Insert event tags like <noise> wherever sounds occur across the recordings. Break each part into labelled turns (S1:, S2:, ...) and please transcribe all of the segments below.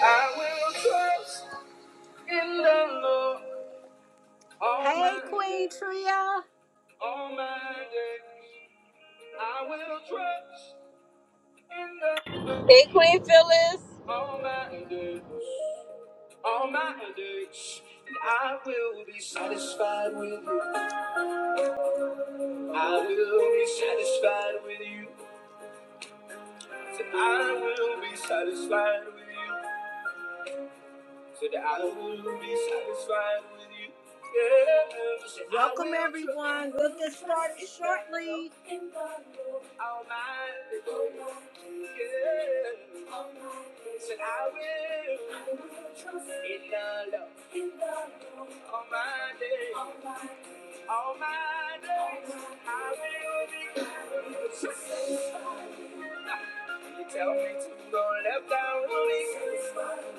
S1: I will trust in the Lord. Hey, Queen Tria. all my days. I will trust in the
S2: Hey, Queen Phyllis.
S1: all my days, all my days. And I will be satisfied with you. I will be satisfied with you. I will be satisfied with you. so that I will be satisfied with you. Yeah. So Welcome everyone. We'll get started shortly. All my Yeah. So I will in the love. All my days. All my days. I will be. If you tell me to go left, I will be satisfied.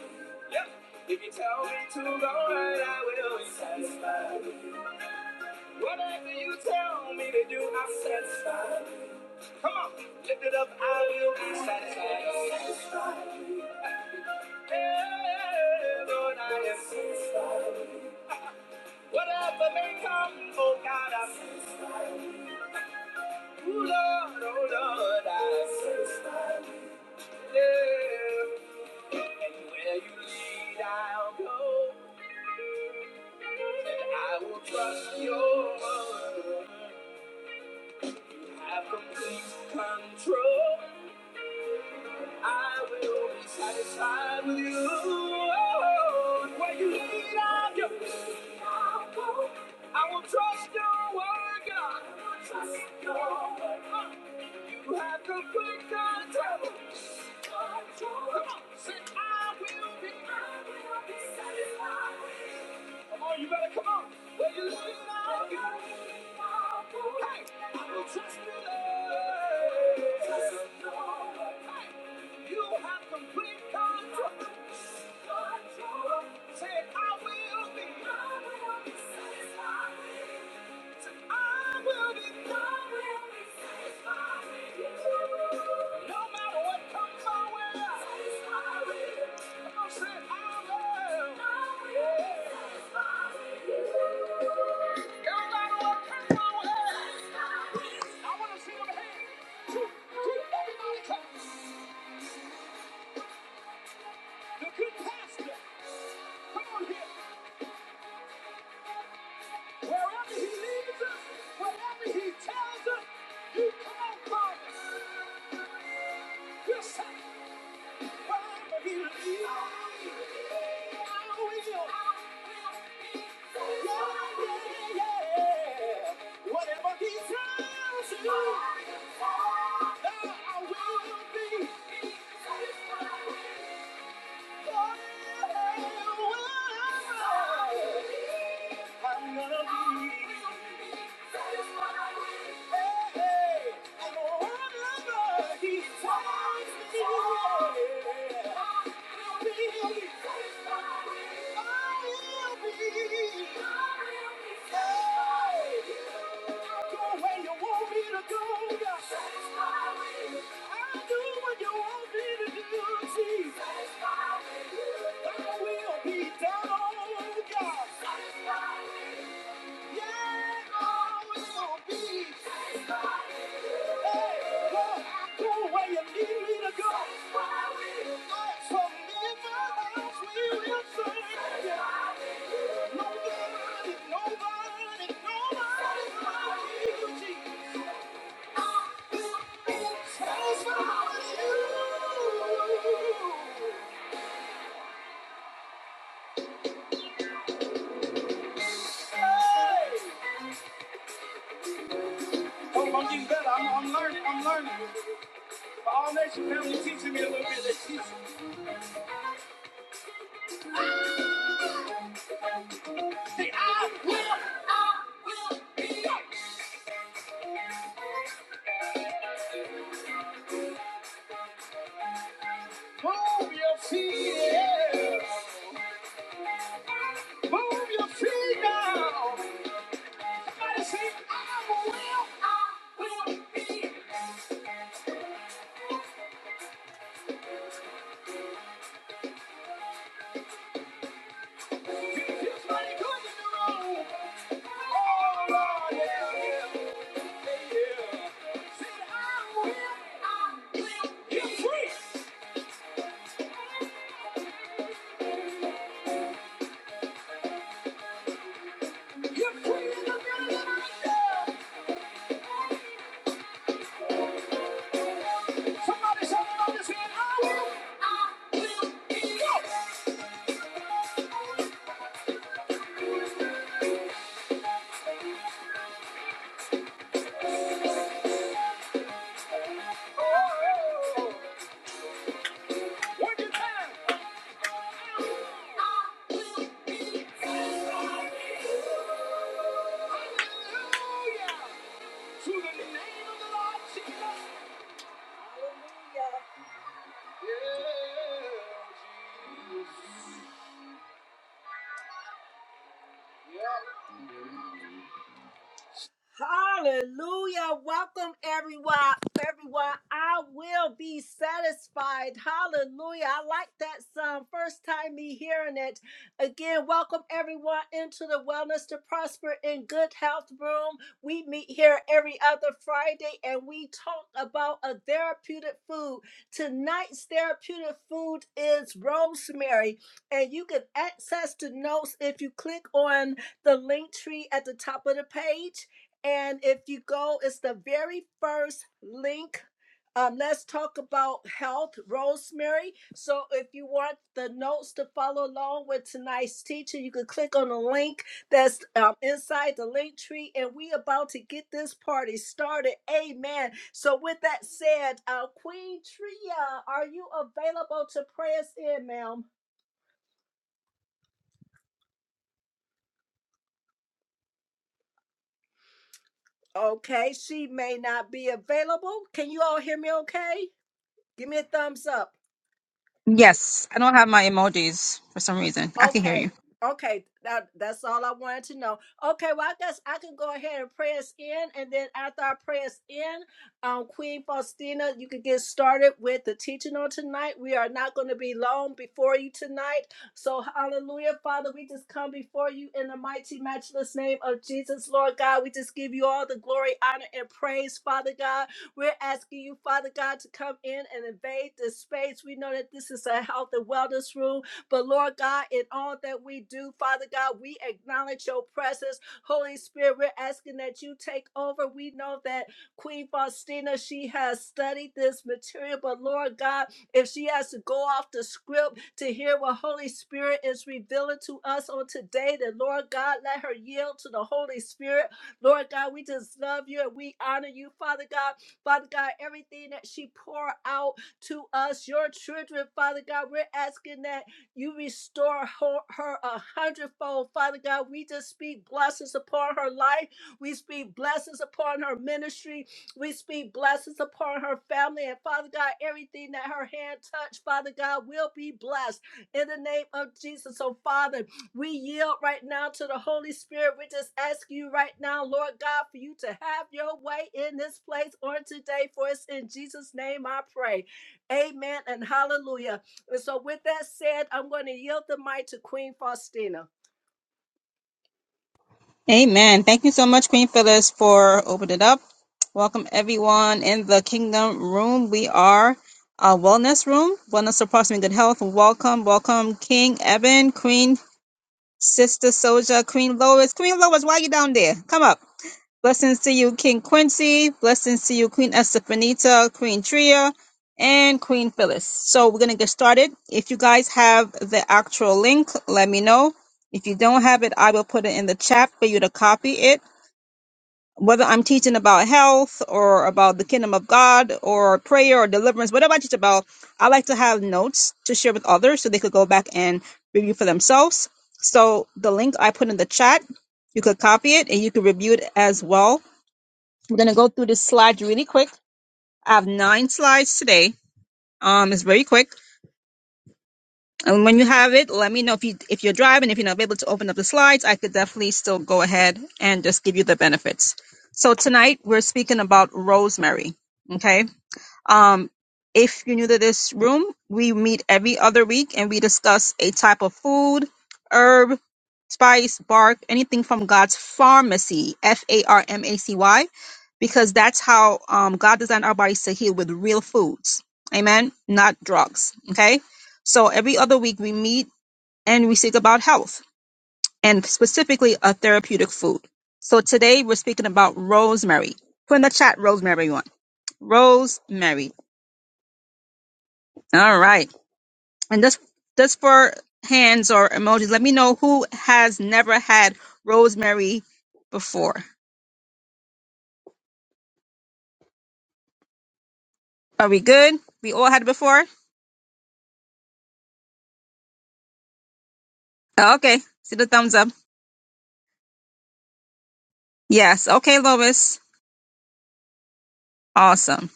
S1: Yeah. If you tell me to go right, I will be satisfied. Whatever you tell me to do, I'm satisfied. Come on, lift it up, I will be satisfied. Yeah, Lord, I am satisfied. Whatever may come, oh God, I'm satisfied. Ooh, Lord, oh Lord, I'm satisfied. Yeah. And where you lead, I'll go. And I will trust your word. Have complete control. I will be satisfied with you. Oh, where you lead, I'll go. I'll go. I will trust your word, God. I will trust your word. Uh, You have complete control. Control. Come on, say, I will be. I will be satisfied. Come on, you better come on. Well, you see now. Hey, I will trust you there. Hey, you have complete control. Say, I will be. The good pastor, come on here. Wherever he leads us, wherever he tells us, you come on, Father. You're satisfied. Whatever he tells you, I will be. Hey, hey, I'm gonna be. Go where you want me to go, God. Satisfy me. i do what you want me to do, Jesus. Satisfy me. Thy will be done, Satisfy me. Oh, I'm getting better. I'm, I'm learning. I'm learning. But All Nation family teaching me a little bit. They teach me. Move your feet, yeah. Move your feet now. Somebody say, I will, I will be. Somebody good in the room. Oh, yeah. Say, I will, I will be. You're free. I will be. Oh, one more time. I will be. Hallelujah. To the name of the Lord Jesus. Hallelujah. Yeah, Jesus. Yeah. Hallelujah. Welcome everyone. Everyone, I will be satisfied. Hallelujah. I like that song. First time me hearing it. Again, welcome everyone into the Wellness to Prosper in Good Health Room. We meet here every other Friday and we talk about a therapeutic food. Tonight's therapeutic food is rosemary. And you can access the notes if you click on the link tree at the top of the page and if you go, it's the very first link. Um, let's talk about health, Rosemary. So, if you want the notes to follow along with tonight's teacher, you can click on the link that's um, inside the link tree, and we about to get this party started. Amen. So, with that said, uh, Queen Tria, are you available to pray us in, ma'am? Okay, she may not be available. Can you all hear me? Okay, give me a thumbs up.
S3: Yes, I don't have my emojis for some reason. I can hear
S1: Okay.
S3: you.
S1: Okay. That that's all I wanted to know. Okay, well, I guess I can go ahead and pray us in, and then after I pray us in, um, Queen Faustina, you can get started with the teaching on tonight. We are not going to be long before you tonight. So hallelujah, Father, we just come before you in the mighty matchless name of Jesus, Lord God. We just give you all the glory, honor, and praise, Father God. We're asking you, Father God, to come in and invade this space. We know that this is a health and wellness room. But Lord God, in all that we do, Father God, we acknowledge your presence. Holy Spirit, we're asking that you take over. We know that Queen Faustina, she has studied this material, but Lord God, if she has to go off the script to hear what Holy Spirit is revealing to us on today, then Lord God, let her yield to the Holy Spirit. Lord God, we just love you and we honor you, Father God. Father God, everything that she pour out to us, your children, Father God, we're asking that you restore her, her a hundredfold. Father God, we just speak blessings upon her life. We speak blessings upon her ministry. We speak blessings upon her family. And Father God, everything that her hand touched, Father God, will be blessed in the name of Jesus. So, Father, we yield right now to the Holy Spirit. We just ask you right now, Lord God, for you to have your way in this place on today. For it's in Jesus' name I pray. Amen and hallelujah. And so, with that said, I'm going to yield the mic to Queen Faustina.
S3: Amen. Thank you so much, Queen Phyllis, for opening it up. Welcome everyone in the Kingdom Room. We are a wellness room, wellness approximately good health. Welcome, welcome, King Eben, Queen Sister Soja, Queen Lois. Queen Lois, why are you down there? Come up. Blessings to you, King Quincy. Blessings to you, Queen Estefanita, Queen Tria, and Queen Phyllis. So we're gonna get started. If you guys have the actual link, let me know. If you don't have it, I will put it in the chat for you to copy it. Whether I'm teaching about health or about the kingdom of God or prayer or deliverance, whatever I teach about, I like to have notes to share with others so they could go back and review for themselves. So the link I put in the chat, you could copy it and you could review it as well I'm gonna go through this slide really quick. I have nine slides today. Um, it's very quick. And when you have it, let me know if you if you're driving, if you're not able to open up the slides, I could definitely still go ahead and just give you the benefits. So tonight we're speaking about rosemary. Okay. Um, if you're new to this room, we meet every other week and we discuss a type of food, herb, spice, bark, anything from God's pharmacy, F A R M A C Y, because that's how um, God designed our bodies to heal with real foods. Amen. Not drugs. Okay. So every other week we meet and we speak about health and specifically a therapeutic food. So today we're speaking about rosemary. Put in the chat rosemary one. Rosemary. All right. And this this for hands or emojis. Let me know who has never had rosemary before. Are we good? We all had it before? Oh, Okay. See the thumbs up. Yes. Okay, Lois. Awesome.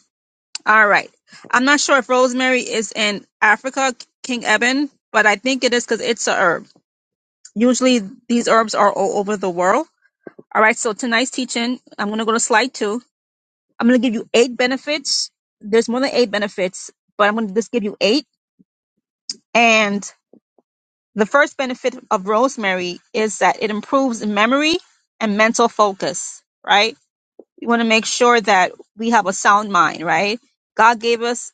S3: All right. I'm not sure if rosemary is in Africa, King Eben, but I think it is because it's a herb. Usually these herbs are all over the world. All right. So tonight's teaching, I'm going to go to slide two. I'm going to give you eight benefits. There's more than eight benefits, but I'm going to just give you eight And the first benefit of rosemary is that it improves memory and mental focus, right? We want to make sure that we have a sound mind, right? God gave us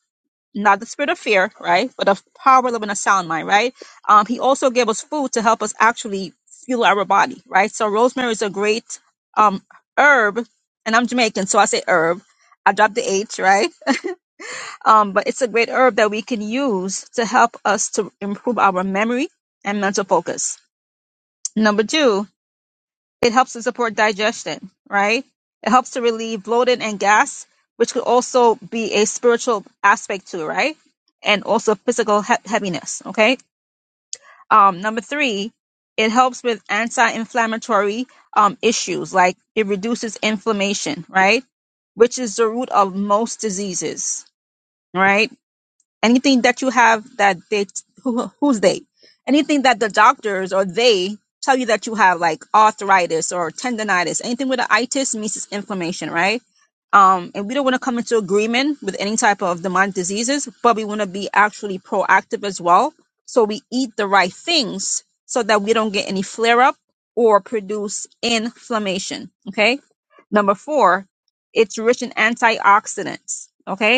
S3: not the spirit of fear, right? But of power, love, and a sound mind, right? Um, he also gave us food to help us actually fuel our body, right? So rosemary is a great um, herb, and I'm Jamaican, so I say herb. I dropped the H, right? Um, but it's a great herb that we can use to help us to improve our memory and mental focus. Number two, it helps to support digestion, right? It helps to relieve bloating and gas, which could also be a spiritual aspect to it, right? And also physical he- heaviness, okay? Um, number three, it helps with anti-inflammatory um, issues, like it reduces inflammation, right? Which is the root of most diseases, right? anything that you have that they who, who's they anything that the doctors or they tell you that you have like arthritis or tendonitis anything with an itis means it's inflammation right um and we don't want to come into agreement with any type of demonic diseases but we want to be actually proactive as well so we eat the right things so that we don't get any flare up or produce inflammation okay number four it's rich in antioxidants okay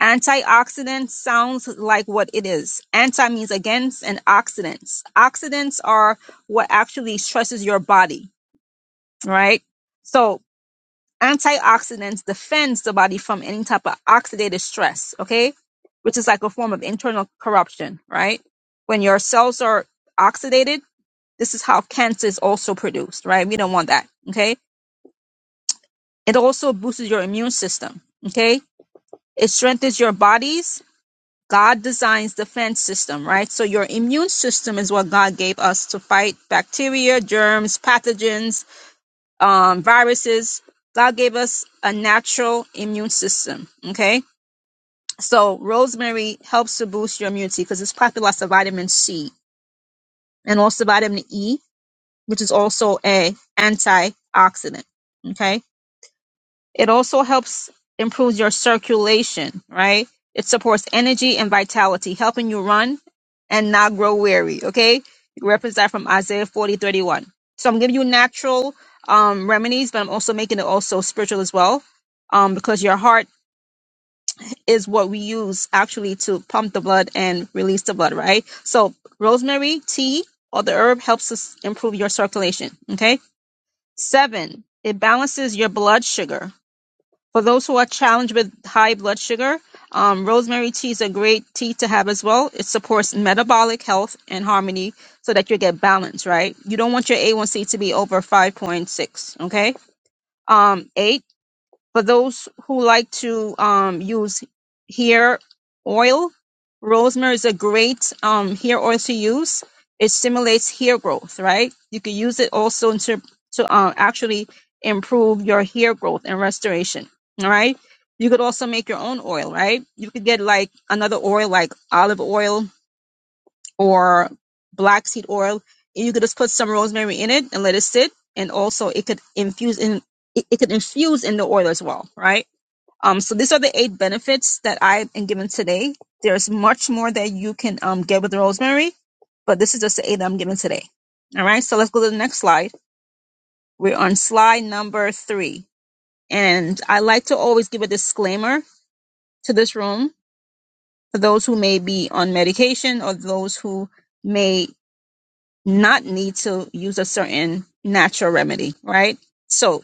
S3: Antioxidant sounds like what it is. Anti means against, and oxidants. Oxidants are what actually stresses your body, right? So antioxidants defends the body from any type of oxidative stress, okay? Which is like a form of internal corruption, right? When your cells are oxidated, this is how cancer is also produced, right? We don't want that, okay? It also boosts your immune system, okay? It strengthens your bodies God designs defense system, right? So your immune system is what God gave us to fight bacteria, germs, pathogens, um, viruses. God gave us a natural immune system. Okay. So rosemary helps to boost your immunity because it's packed with lots of vitamin C and also vitamin E, which is also a antioxidant. Okay It also helps improve your circulation, right? It supports energy and vitality, helping you run and not grow weary. Okay, you reference that from Isaiah forty thirty one. So I'm giving you natural um, remedies, but I'm also making it also spiritual as well, um, because your heart is what we use actually to pump the blood and release the blood, right? So rosemary tea or the herb helps us improve your circulation. Okay, seven. It balances your blood sugar for those who are challenged with high blood sugar, um, rosemary tea is a great tea to have as well. It supports metabolic health and harmony so that you get balance, right? You don't want your A1C to be over 5.6, okay? Um, eight, for those who like to um, use hair oil, rosemary is a great um, hair oil to use. It stimulates hair growth, right? You can use it also to to uh, actually improve your hair growth and restoration. All right. You could also make your own oil, right? You could get like another oil, like olive oil or black seed oil. And you could just put some rosemary in it and let it sit. And also, it could infuse in it, it could infuse in the oil as well, right? Um, so these are the eight benefits that I am given today. There's much more that you can um, get with rosemary, but this is just the eight that I'm given today. All right, so let's go to the next slide. We're on slide number three. And I like to always give a disclaimer to this room for those who may be on medication or those who may not need to use a certain natural remedy, right? so.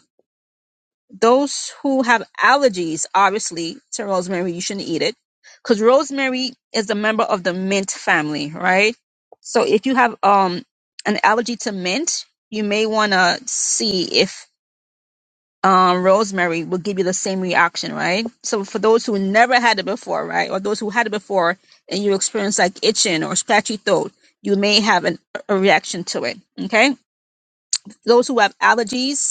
S3: those who have allergies, obviously, to rosemary, you shouldn't eat it because rosemary is a member of the mint family, right? So if you have um an allergy to mint, you may want to see if um rosemary will give you the same reaction, right? So for those who never had it before, right, or those who had it before and you experience like itching or scratchy throat, you may have an, a reaction to it. Okay, those who have allergies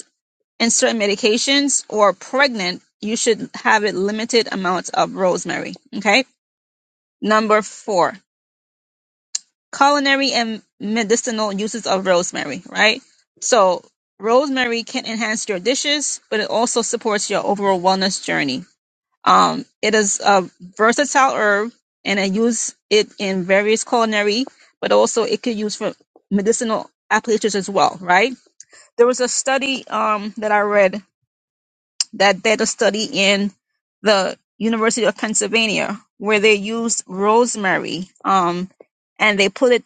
S3: and certain medications or pregnant, you should have a limited amount of rosemary. Okay. Number four, culinary and medicinal uses of rosemary, right? So rosemary can enhance your dishes, but it also supports your overall wellness journey. Um, it is a versatile herb and I use it in various culinary, but also it could use for medicinal applications as well, right? There was a study um, that I read that did a study in the University of Pennsylvania where they used rosemary um, and they put it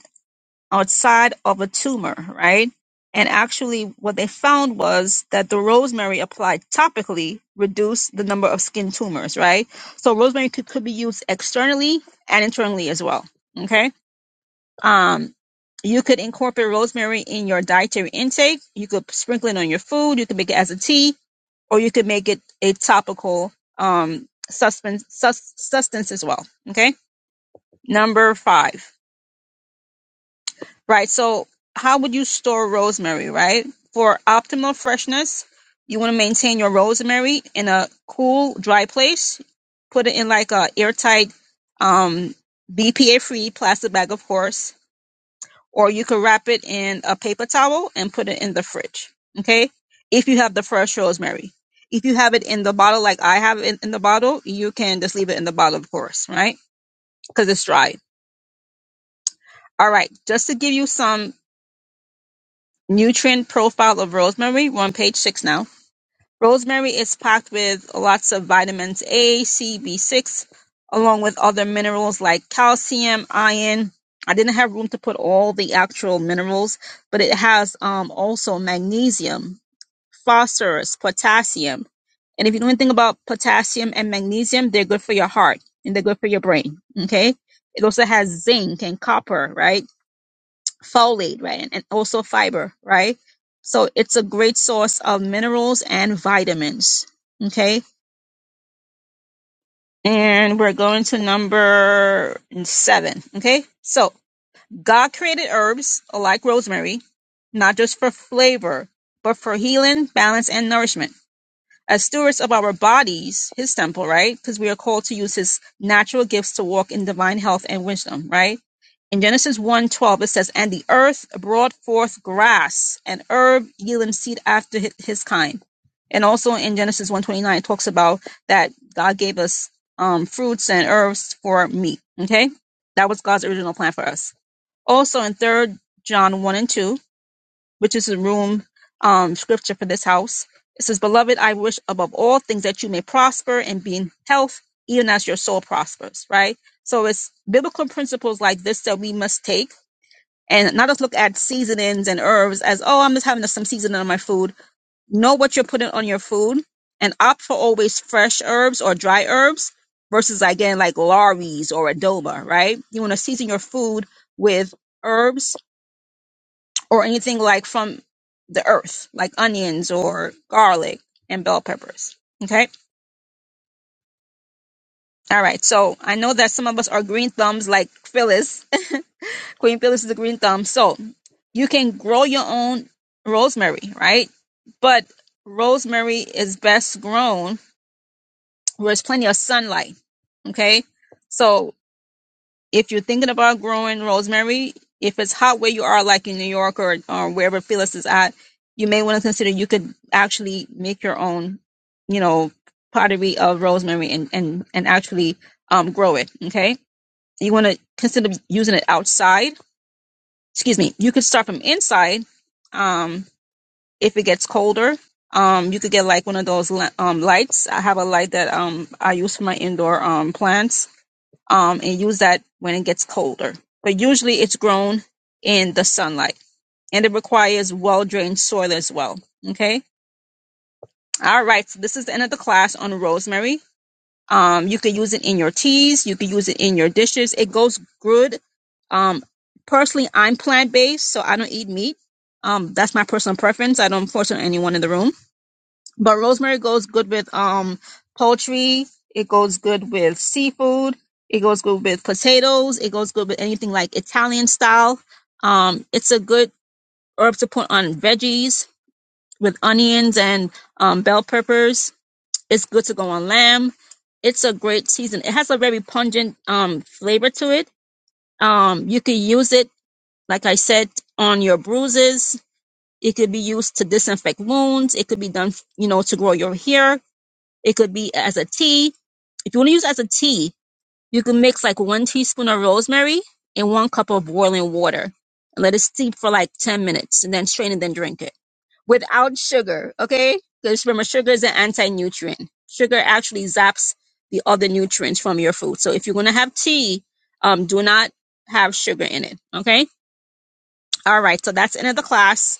S3: outside of a tumor, right? And actually, what they found was that the rosemary applied topically reduced the number of skin tumors, right? So rosemary could, could be used externally and internally as well. Okay. Um, you could incorporate rosemary in your dietary intake. You could sprinkle it on your food. You could make it as a tea or you could make it a topical um, suspense, sus- substance as well. Okay. Number five, right? So, how would you store rosemary, right? For optimal freshness, you want to maintain your rosemary in a cool, dry place. Put it in like a airtight, um, BPA free plastic bag, of course or you could wrap it in a paper towel and put it in the fridge. Okay. If you have the fresh rosemary, if you have it in the bottle, like I have it in the bottle, you can just leave it in the bottle, of course, right? Because it's dried. All right. Just to give you some nutrient profile of rosemary, we're on page six now Rosemary is packed with lots of vitamins A, C, B6, along with other minerals like calcium, iron. I didn't have room to put all the actual minerals, but it has um, also magnesium, phosphorus, potassium. And if you know anything about potassium and magnesium, they're good for your heart and they're good for your brain. Okay. It also has zinc and copper, right? folate, right? And also fiber, right? So it's a great source of minerals and vitamins. Okay. And we're going to number seven. Okay. So God created herbs like rosemary, not just for flavor, but for healing, balance, and nourishment as stewards of our bodies, his temple, right? Because we are called to use his natural gifts to walk in divine health and wisdom, right? In Genesis one twelve, it says, And the earth brought forth grass and herb yielding seed after hi- his kind. And also in Genesis 129, it talks about that God gave us um, fruits and herbs for meat. Okay? That was God's original plan for us. Also in Third John 1 and 2, which is the room um, scripture for this house. It says, Beloved, I wish above all things that you may prosper and be in health, even as your soul prospers, right? So it's biblical principles like this that we must take and not just look at seasonings and herbs as, oh, I'm just having some seasoning on my food. Know what you're putting on your food and opt for always fresh herbs or dry herbs versus again like lorries or adobo. right? You want to season your food with herbs or anything like from the earth, like onions or garlic and bell peppers. Okay. All right. So I know that some of us are green thumbs like Phyllis. <laughs> Queen Phyllis is a green thumb. So you can grow your own rosemary, right? But rosemary is best grown where there's plenty of sunlight. Okay. so. if you're thinking about growing rosemary, if it's hot where you are, like in New York or, or wherever Phyllis is at, you may want to consider you could actually make your own, you know, pottery of rosemary and and and actually um, grow it. Okay, you want to consider using it outside. Excuse me. You could start from inside. Um, if it gets colder, um, you could get like one of those li- um, lights. I have a light that um I use for my indoor um plants um, and use that when it gets colder. But usually it's grown in the sunlight and it requires well drained soil as well. Okay. All right. So this is the end of the class on rosemary. Um, you could use it in your teas. You could use it in your dishes. It goes good. Um, personally, I'm plant based, so I don't eat meat. Um, that's my personal preference. I don't force it on anyone in the room but rosemary goes good with um poultry. It goes good with seafood. It goes good with potatoes. It goes good with anything like Italian style. Um, it's a good herb to put on veggies with onions and um, bell peppers. It's good to go on lamb. It's a great season. It has a very pungent um, flavor to it. Um, you could use it, like I said, on your bruises. It could be used to disinfect wounds. It could be done, you know, to grow your hair it could be as a tea. If you want to use it as a tea, you can mix like one teaspoon of rosemary and one cup of boiling water and let it steep for like 10 minutes and then strain and then drink it without sugar, okay? Because remember, sugar is an anti nutrient. Sugar actually zaps the other nutrients from your food. So if you're going to have tea, um, do not have sugar in it, okay? All right, so that's the end of the class.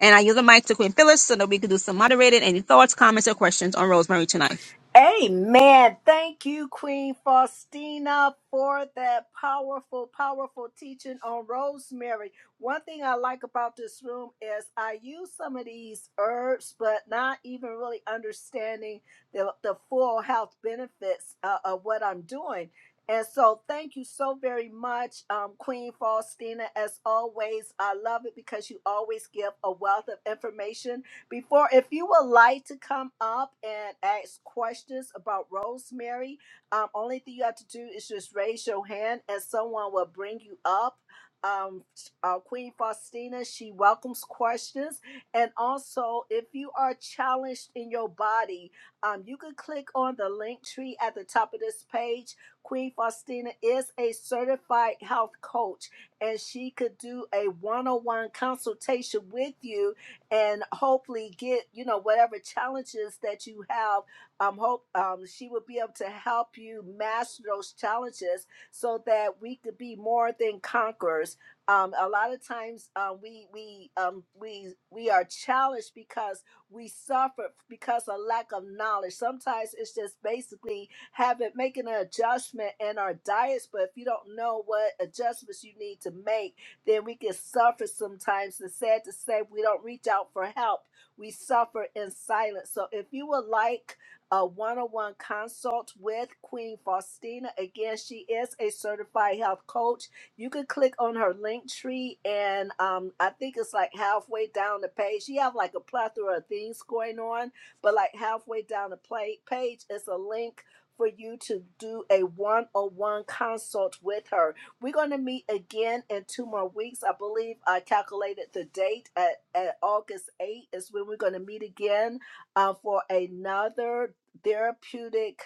S3: And I yield the mic to Queen Phyllis so that we can do some moderated. Any thoughts, comments, or questions on rosemary tonight?
S1: Amen. Thank you, Queen Faustina, for that powerful, powerful teaching on rosemary. One thing I like about this room is I use some of these herbs, but not even really understanding the, the full health benefits uh, of what I'm doing. And so, thank you so very much, um, Queen Faustina. As always, I love it because you always give a wealth of information before, if you would like to come up and ask questions about Rosemary, um, only thing you have to do is just raise your hand and someone will bring you up. Um, uh, Queen Faustina, she welcomes questions. And also, if you are challenged in your body, um, you can click on the link tree at the top of this page. Queen Faustina is a certified health coach, and she could do a one on one consultation with you and hopefully get you know whatever challenges that you have um hope um she will be able to help you master those challenges so that we could be more than conquerors um a lot of times uh, we we um we we are challenged because we suffer because of lack of knowledge sometimes it's just basically having making an adjustment in our diets but if you don't know what adjustments you need to make then we can suffer sometimes. It's sad to say we don't reach out for help. We suffer in silence. So if you would like a one-on-one consult with Queen Faustina, again, she is a certified health coach. You can click on her link tree and um, I think it's like halfway down the page. She have like a plethora of things going on, but like halfway down the play- page is a link for you to do a one-on-one consult with her. We're going to meet again in two more weeks. I believe I calculated the date at, at August 8th is when we're going to meet again uh, for another therapeutic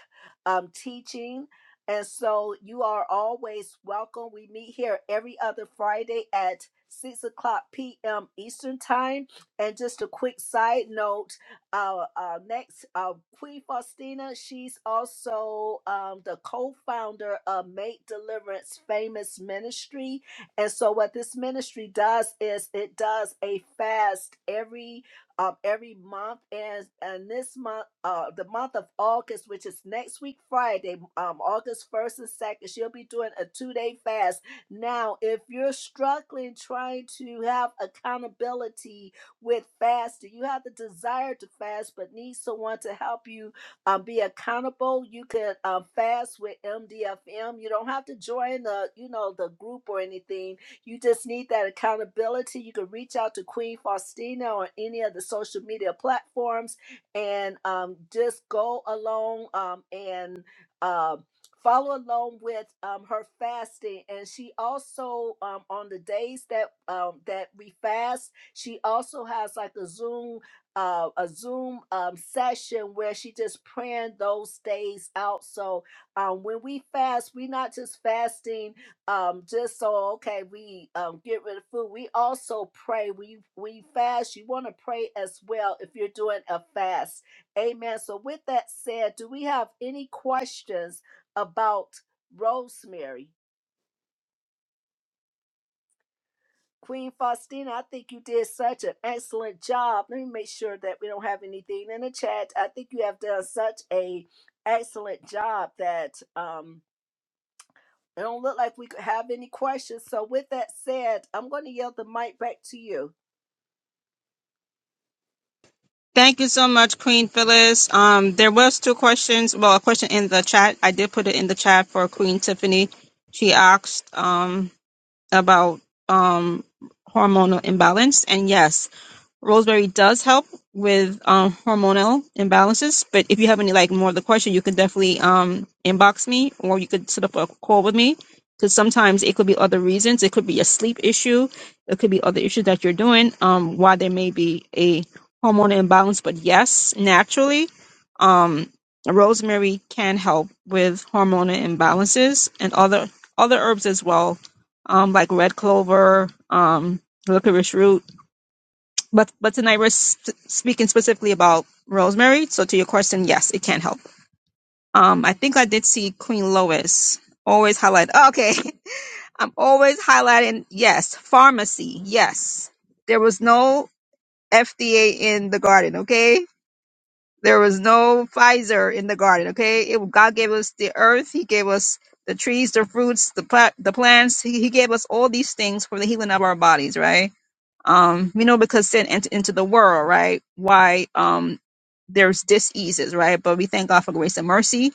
S1: um, teaching. And so you are always welcome. We meet here every other Friday at 6 o'clock p.m. Eastern Time. And just a quick side note our, our next, uh, Queen Faustina, she's also um, the co founder of Make Deliverance Famous Ministry. And so, what this ministry does is it does a fast every um, every month and and this month uh the month of august which is next week friday um august 1st and 2nd she'll be doing a two-day fast now if you're struggling trying to have accountability with fasting. You have the desire to fast, but need someone to help you um, be accountable. You can um, fast with MDFM. You don't have to join the, you know, the group or anything. You just need that accountability. You can reach out to Queen Faustina on any of the social media platforms and um, just go along um, and um, follow along with um, her fasting and she also um, on the days that um, that we fast she also has like a Zoom uh, a Zoom um, session where she just praying those days out. So um, when we fast, we not just fasting um, just so okay we um, get rid of food. We also pray. We we fast. You want to pray as well if you're doing a fast. Amen. So with that said, do we have any questions about Rosemary? Queen Faustina, I think you did such an excellent job. Let me make sure that we don't have anything in the chat. I think you have done such a excellent job that um it don't look like we could have any questions. So with that said, I'm going to yield the mic back to you.
S3: Thank you so much, Queen Phyllis. Um, there was two questions. Well, a question in the chat. I did put it in the chat for Queen Tiffany. She asked um, about um, hormonal imbalance, and yes, rosemary does help with um, hormonal imbalances. But if you have any like more of the question, you could definitely um, inbox me or you could set up a call with me because sometimes it could be other reasons. It could be a sleep issue. It could be other issues that you're doing um, why there may be a hormonal imbalance. But yes, naturally, um, rosemary can help with hormonal imbalances and other other herbs as well, um, like red clover, um, licorice root but but tonight we're sp- speaking specifically about Rosemary. So to your question, yes, it can help. Um, I think I did see Queen Lois always highlight. oh, Okay, <laughs> I'm always highlighting. Yes, pharmacy. Yes, there was no FDA in the garden. Okay, there was no Pfizer in the garden. Okay, it, God gave us the earth. He gave us the trees, the fruits, the pla- the plants. He, he gave us all these things for the healing of our bodies. Right um, you know, because sin entered into the world, right? Why um, there's diseases, right? But we thank God for grace and mercy.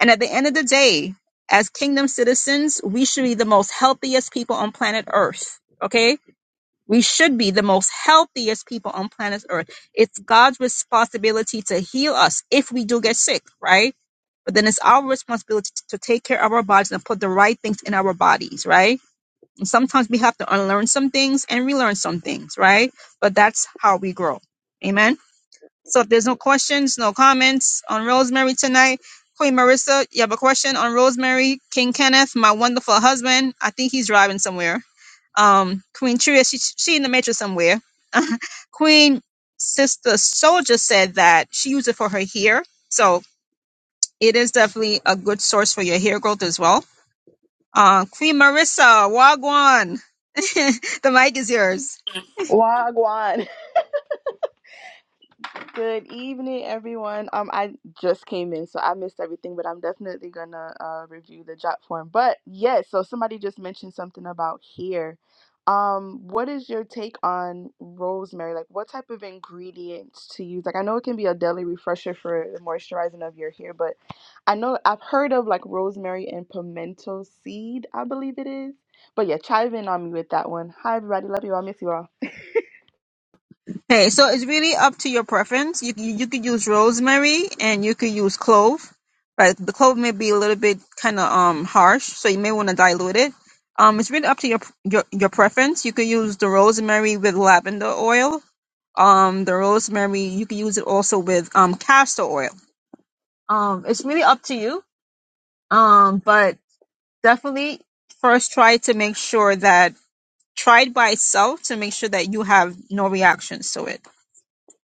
S3: And at the end of the day, as kingdom citizens, we should be the most healthiest people on planet Earth. Okay, we should be the most healthiest people on planet Earth. It's God's responsibility to heal us if we do get sick, right? But then it's our responsibility to take care of our bodies and put the right things in our bodies, right? Sometimes we have to unlearn some things and relearn some things, right? But that's how we grow. Amen. So if there's no questions, no comments on Rosemary tonight, Queen Marissa, you have a question on Rosemary, King Kenneth, my wonderful husband. I think he's driving somewhere. Um, Queen Tria, she, she in the metro somewhere. <laughs> Queen Sister Soldier said that she used it for her hair. So it is definitely a good source for your hair growth as well uh, Queen Marissa, Wagwan, <laughs> the mic is yours.
S4: Wagwan. <laughs> Good evening, everyone. Um, I just came in, so I missed everything, but I'm definitely gonna uh, review the job form. But yes, so somebody just mentioned something about here. Um, what is your take on rosemary? Like, what type of ingredients to use? Like, I know it can be a daily refresher for the moisturizing of your hair, but I know I've heard of like rosemary and pimento seed, I believe it is. But yeah, chive in on me with that one. Hi, everybody. Love you all. Miss you all.
S3: Okay, so it's really up to your preference. You, you you could use rosemary and you could use clove, but the clove may be a little bit kind of um harsh, so you may want to dilute it. Um, it's really up to your your your preference. You could use the rosemary with lavender oil. Um, the rosemary you could use it also with um castor oil. Um, it's really up to you. Um, but definitely first try to make sure that try it by itself to make sure that you have no reactions to it.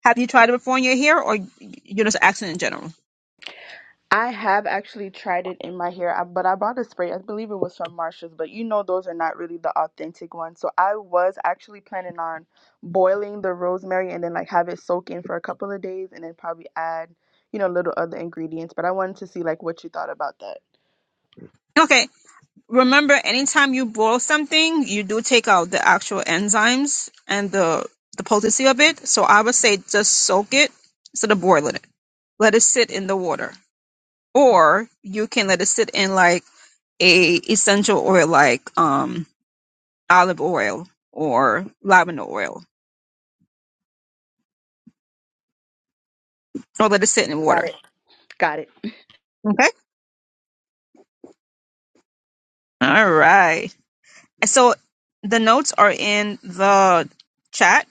S3: Have you tried it before in your hair, or you're just asking in general?
S4: I have actually tried it in my hair, I- but I bought a spray. I believe it was from Marshalls, but you know those are not really the authentic ones. So I was actually planning on boiling the rosemary and then like have it soak in for a couple of days and then probably add, you know, little other ingredients. But I wanted to see like what you thought about that.
S3: Okay. Remember, anytime you boil something, you do take out the actual enzymes and the the potency of it. So I would say just soak it instead of boiling it. Let it sit in the water. Or you can let it sit in like a essential oil like um olive oil or lavender oil. Or let it sit in water.
S4: Got it. Got it.
S3: Okay. All right. So the notes are in the chat.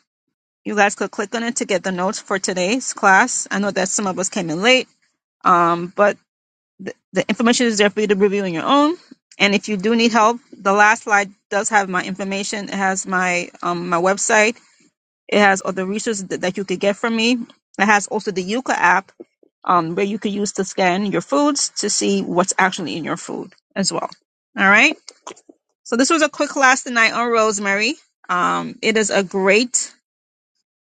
S3: You guys could click on it to get the notes for today's class. I know that some of us came in late, um, but the, the information is there for you to review on your own. And if you do need help, the last slide does have my information. It has my um, my website It has other resources that, that you could get from me. It has also the Yuka app, um, where you could use to scan your foods to see what's actually in your food as well. All right. So this was a quick class tonight on rosemary. Um, it is a great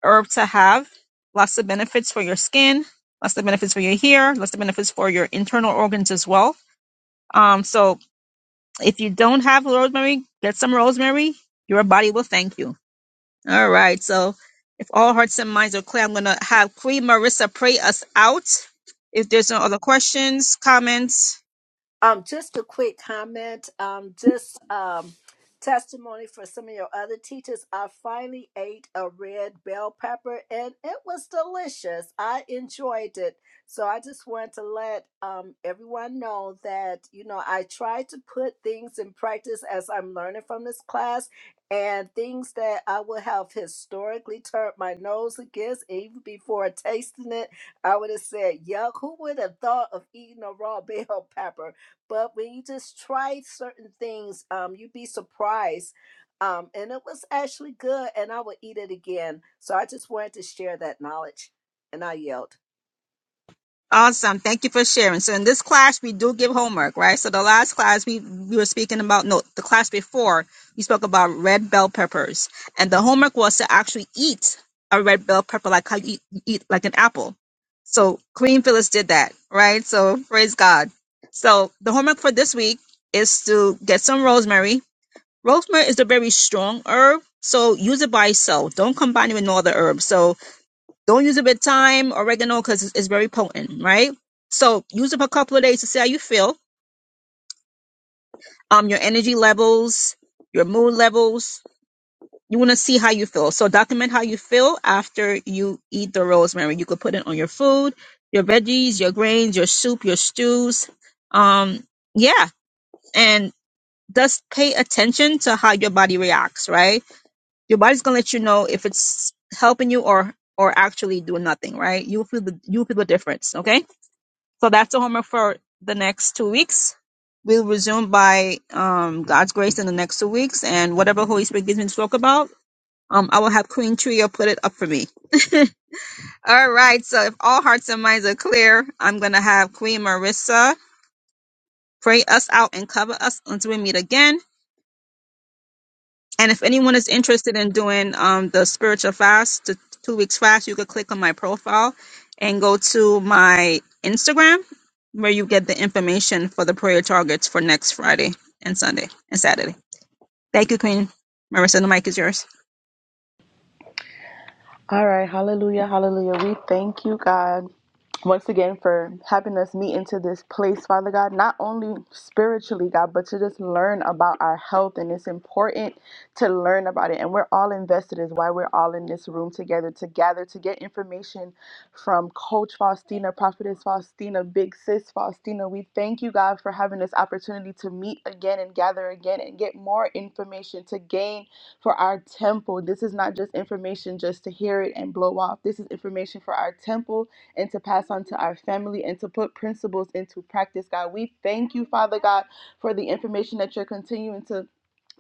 S3: herb to have. Lots of benefits for your skin, lots of benefits for your hair, lots of benefits for your internal organs as well. Um, so if you don't have rosemary, get some rosemary. Your body will thank you. All right. So if all hearts and minds are clear, I'm going to have Queen Marissa pray us out. If there's no other questions, comments,
S1: Um, just a quick comment. Um, just um, testimony for some of your other teachers. I finally ate a red bell pepper, and it was delicious. I enjoyed it. So I just want to let um, everyone know that you know I try to put things in practice as I'm learning from this class, and things that I would have historically turned my nose against, even before tasting it, I would have said, "Yuck! Who would have thought of eating a raw <laughs> bell pepper?" but when you just try certain things, um, you'd be surprised. Um, and it was actually good, and I would eat it again. So I just wanted to share that knowledge, and I yelled.
S3: awesome. Thank you for sharing. So in this class, we do give homework, right? So the last class we, we were speaking about, no, the class before, we spoke about red bell peppers. And the homework was to actually eat a red bell pepper, like how you eat, you eat like an apple. So Queen Phyllis did that, right? So praise God. So the homework for this week is to get some rosemary Rosemary is a very strong herb, so use it by itself. Don't combine it with no other herbs. So don't use it with thyme, oregano, because it's, it's very potent, right? So use it for a couple of days to see how you feel. Um, your energy levels, your mood levels. You want to see how you feel. So document how you feel after you eat the rosemary. You could put it on your food, your veggies, your grains, your soup, your stews. Um, yeah, and just pay attention to how your body reacts, right? Your body's gonna let you know if it's helping you or or actually doing nothing, right? You'll feel the you'll feel the difference. Okay. So that's the homework for the next two weeks. We'll resume by um, God's grace in the next two weeks, and whatever Holy Spirit gives me to talk about, um, I will have Queen Tria put it up for me. <laughs> all right. So if all hearts and minds are clear, I'm gonna have Queen Marissa pray us out and cover us until we meet again. And if anyone is interested in doing um, the spiritual fast, the two weeks fast, you could click on my profile and go to my Instagram where you get the information for the prayer targets for next Friday and Sunday and Saturday. Thank you, Queen. Marissa, the mic is yours.
S4: All right, hallelujah, hallelujah. We thank you, God, once again for having us meet into this place, Father God, not only spiritually, God, but to just learn about our health. And it's important to learn about it. And we're all invested, is why we're all in this room together to gather to get information from Coach Faustina, Prophetess Faustina, Big Sis Faustina. We thank you, God, for having this opportunity to meet again and gather again and get more information to gain for our temple. This is not just information just to hear it and blow off. This is information for our temple and to pass on to our family and to put principles into practice, God. We thank you, Father God, for the information that you're continuing to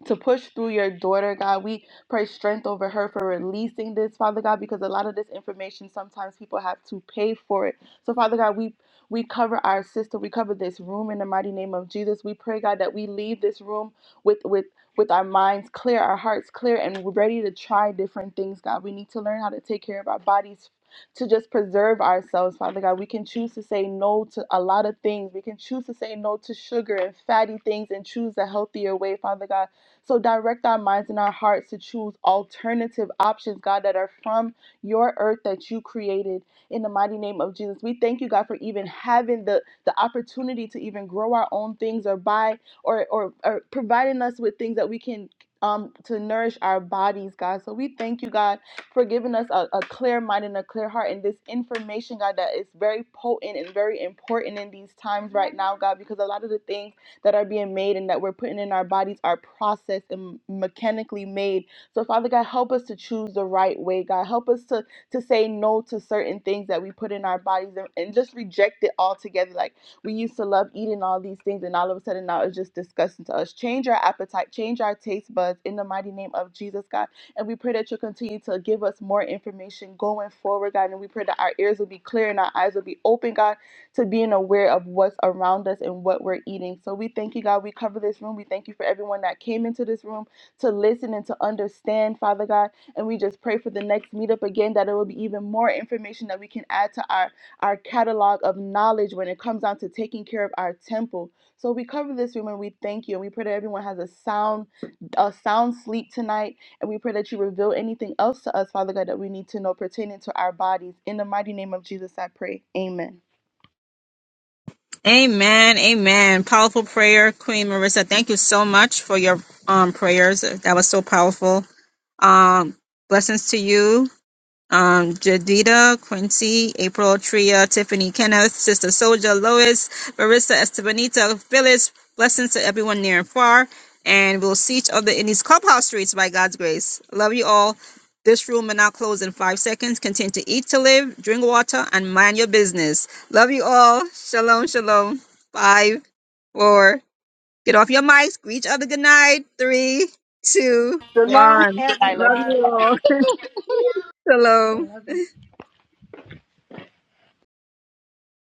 S4: to push through your daughter, God. We pray strength over her for releasing this, Father God, because a lot of this information sometimes people have to pay for it. So, Father God, we we cover our sister, we cover this room in the mighty name of Jesus. We pray, God, that we leave this room with with with our minds clear, our hearts clear, and we're ready to try different things, God. We need to learn how to take care of our bodies to just preserve ourselves, Father God. We can choose to say no to a lot of things. We can choose to say no to sugar and fatty things and choose a healthier way, Father God. So direct our minds and our hearts to choose alternative options, God, that are from your earth that you created in the mighty name of Jesus. We thank you, God, for even having the, the opportunity to even grow our own things or buy or, or, or providing us with things that we can. Um, to nourish our bodies, God. So we thank you, God, for giving us a, a clear mind and a clear heart and this information, God, that is very potent and very important in these times right now, God, because a lot of the things that are being made and that we're putting in our bodies are processed and mechanically made. So, Father God, help us to choose the right way, God. Help us to, to say no to certain things that we put in our bodies and, and just reject it altogether. Like we used to love eating all these things, and all of a sudden now it's just disgusting to us. Change our appetite, change our taste buds in the mighty name of Jesus, God. And we pray that you'll continue to give us more information going forward, God. And we pray that our ears will be clear and our eyes will be open, God to being aware of what's around us and what we're eating. So we thank you, God. We cover this room. We thank you for everyone that came into this room to listen and to understand, Father God. And we just pray for the next meetup again that it will be even more information that we can add to our, our catalog of knowledge when it comes down to taking care of our temple. So we cover this room and we thank you. And we pray that everyone has a sound, a sound sleep tonight. And we pray that you reveal anything else to us, Father God, that we need to know pertaining to our bodies. In the mighty name of Jesus, I pray. Amen.
S3: Amen. Amen. Powerful prayer, Queen Marissa. Thank you so much for your um, prayers. That was so powerful. Um, blessings to you. um, Jadida, Quincy, April, Tria, Tiffany, Kenneth, Sister Soldier, Lois, Marissa, Estebanita, Phyllis. Blessings to everyone near and far. And we'll see each other in these clubhouse streets by God's grace. Love you all. This room will now close in five seconds. Continue to eat to live, drink water, and mind your business. Love you all. Shalom, shalom. Five, four. Get off your mics. Greet each other good night. Three, two,
S1: Shalom,
S3: one.
S4: I love
S3: Love
S4: you.
S3: you
S1: everyone.
S4: all.
S3: all. <laughs> shalom.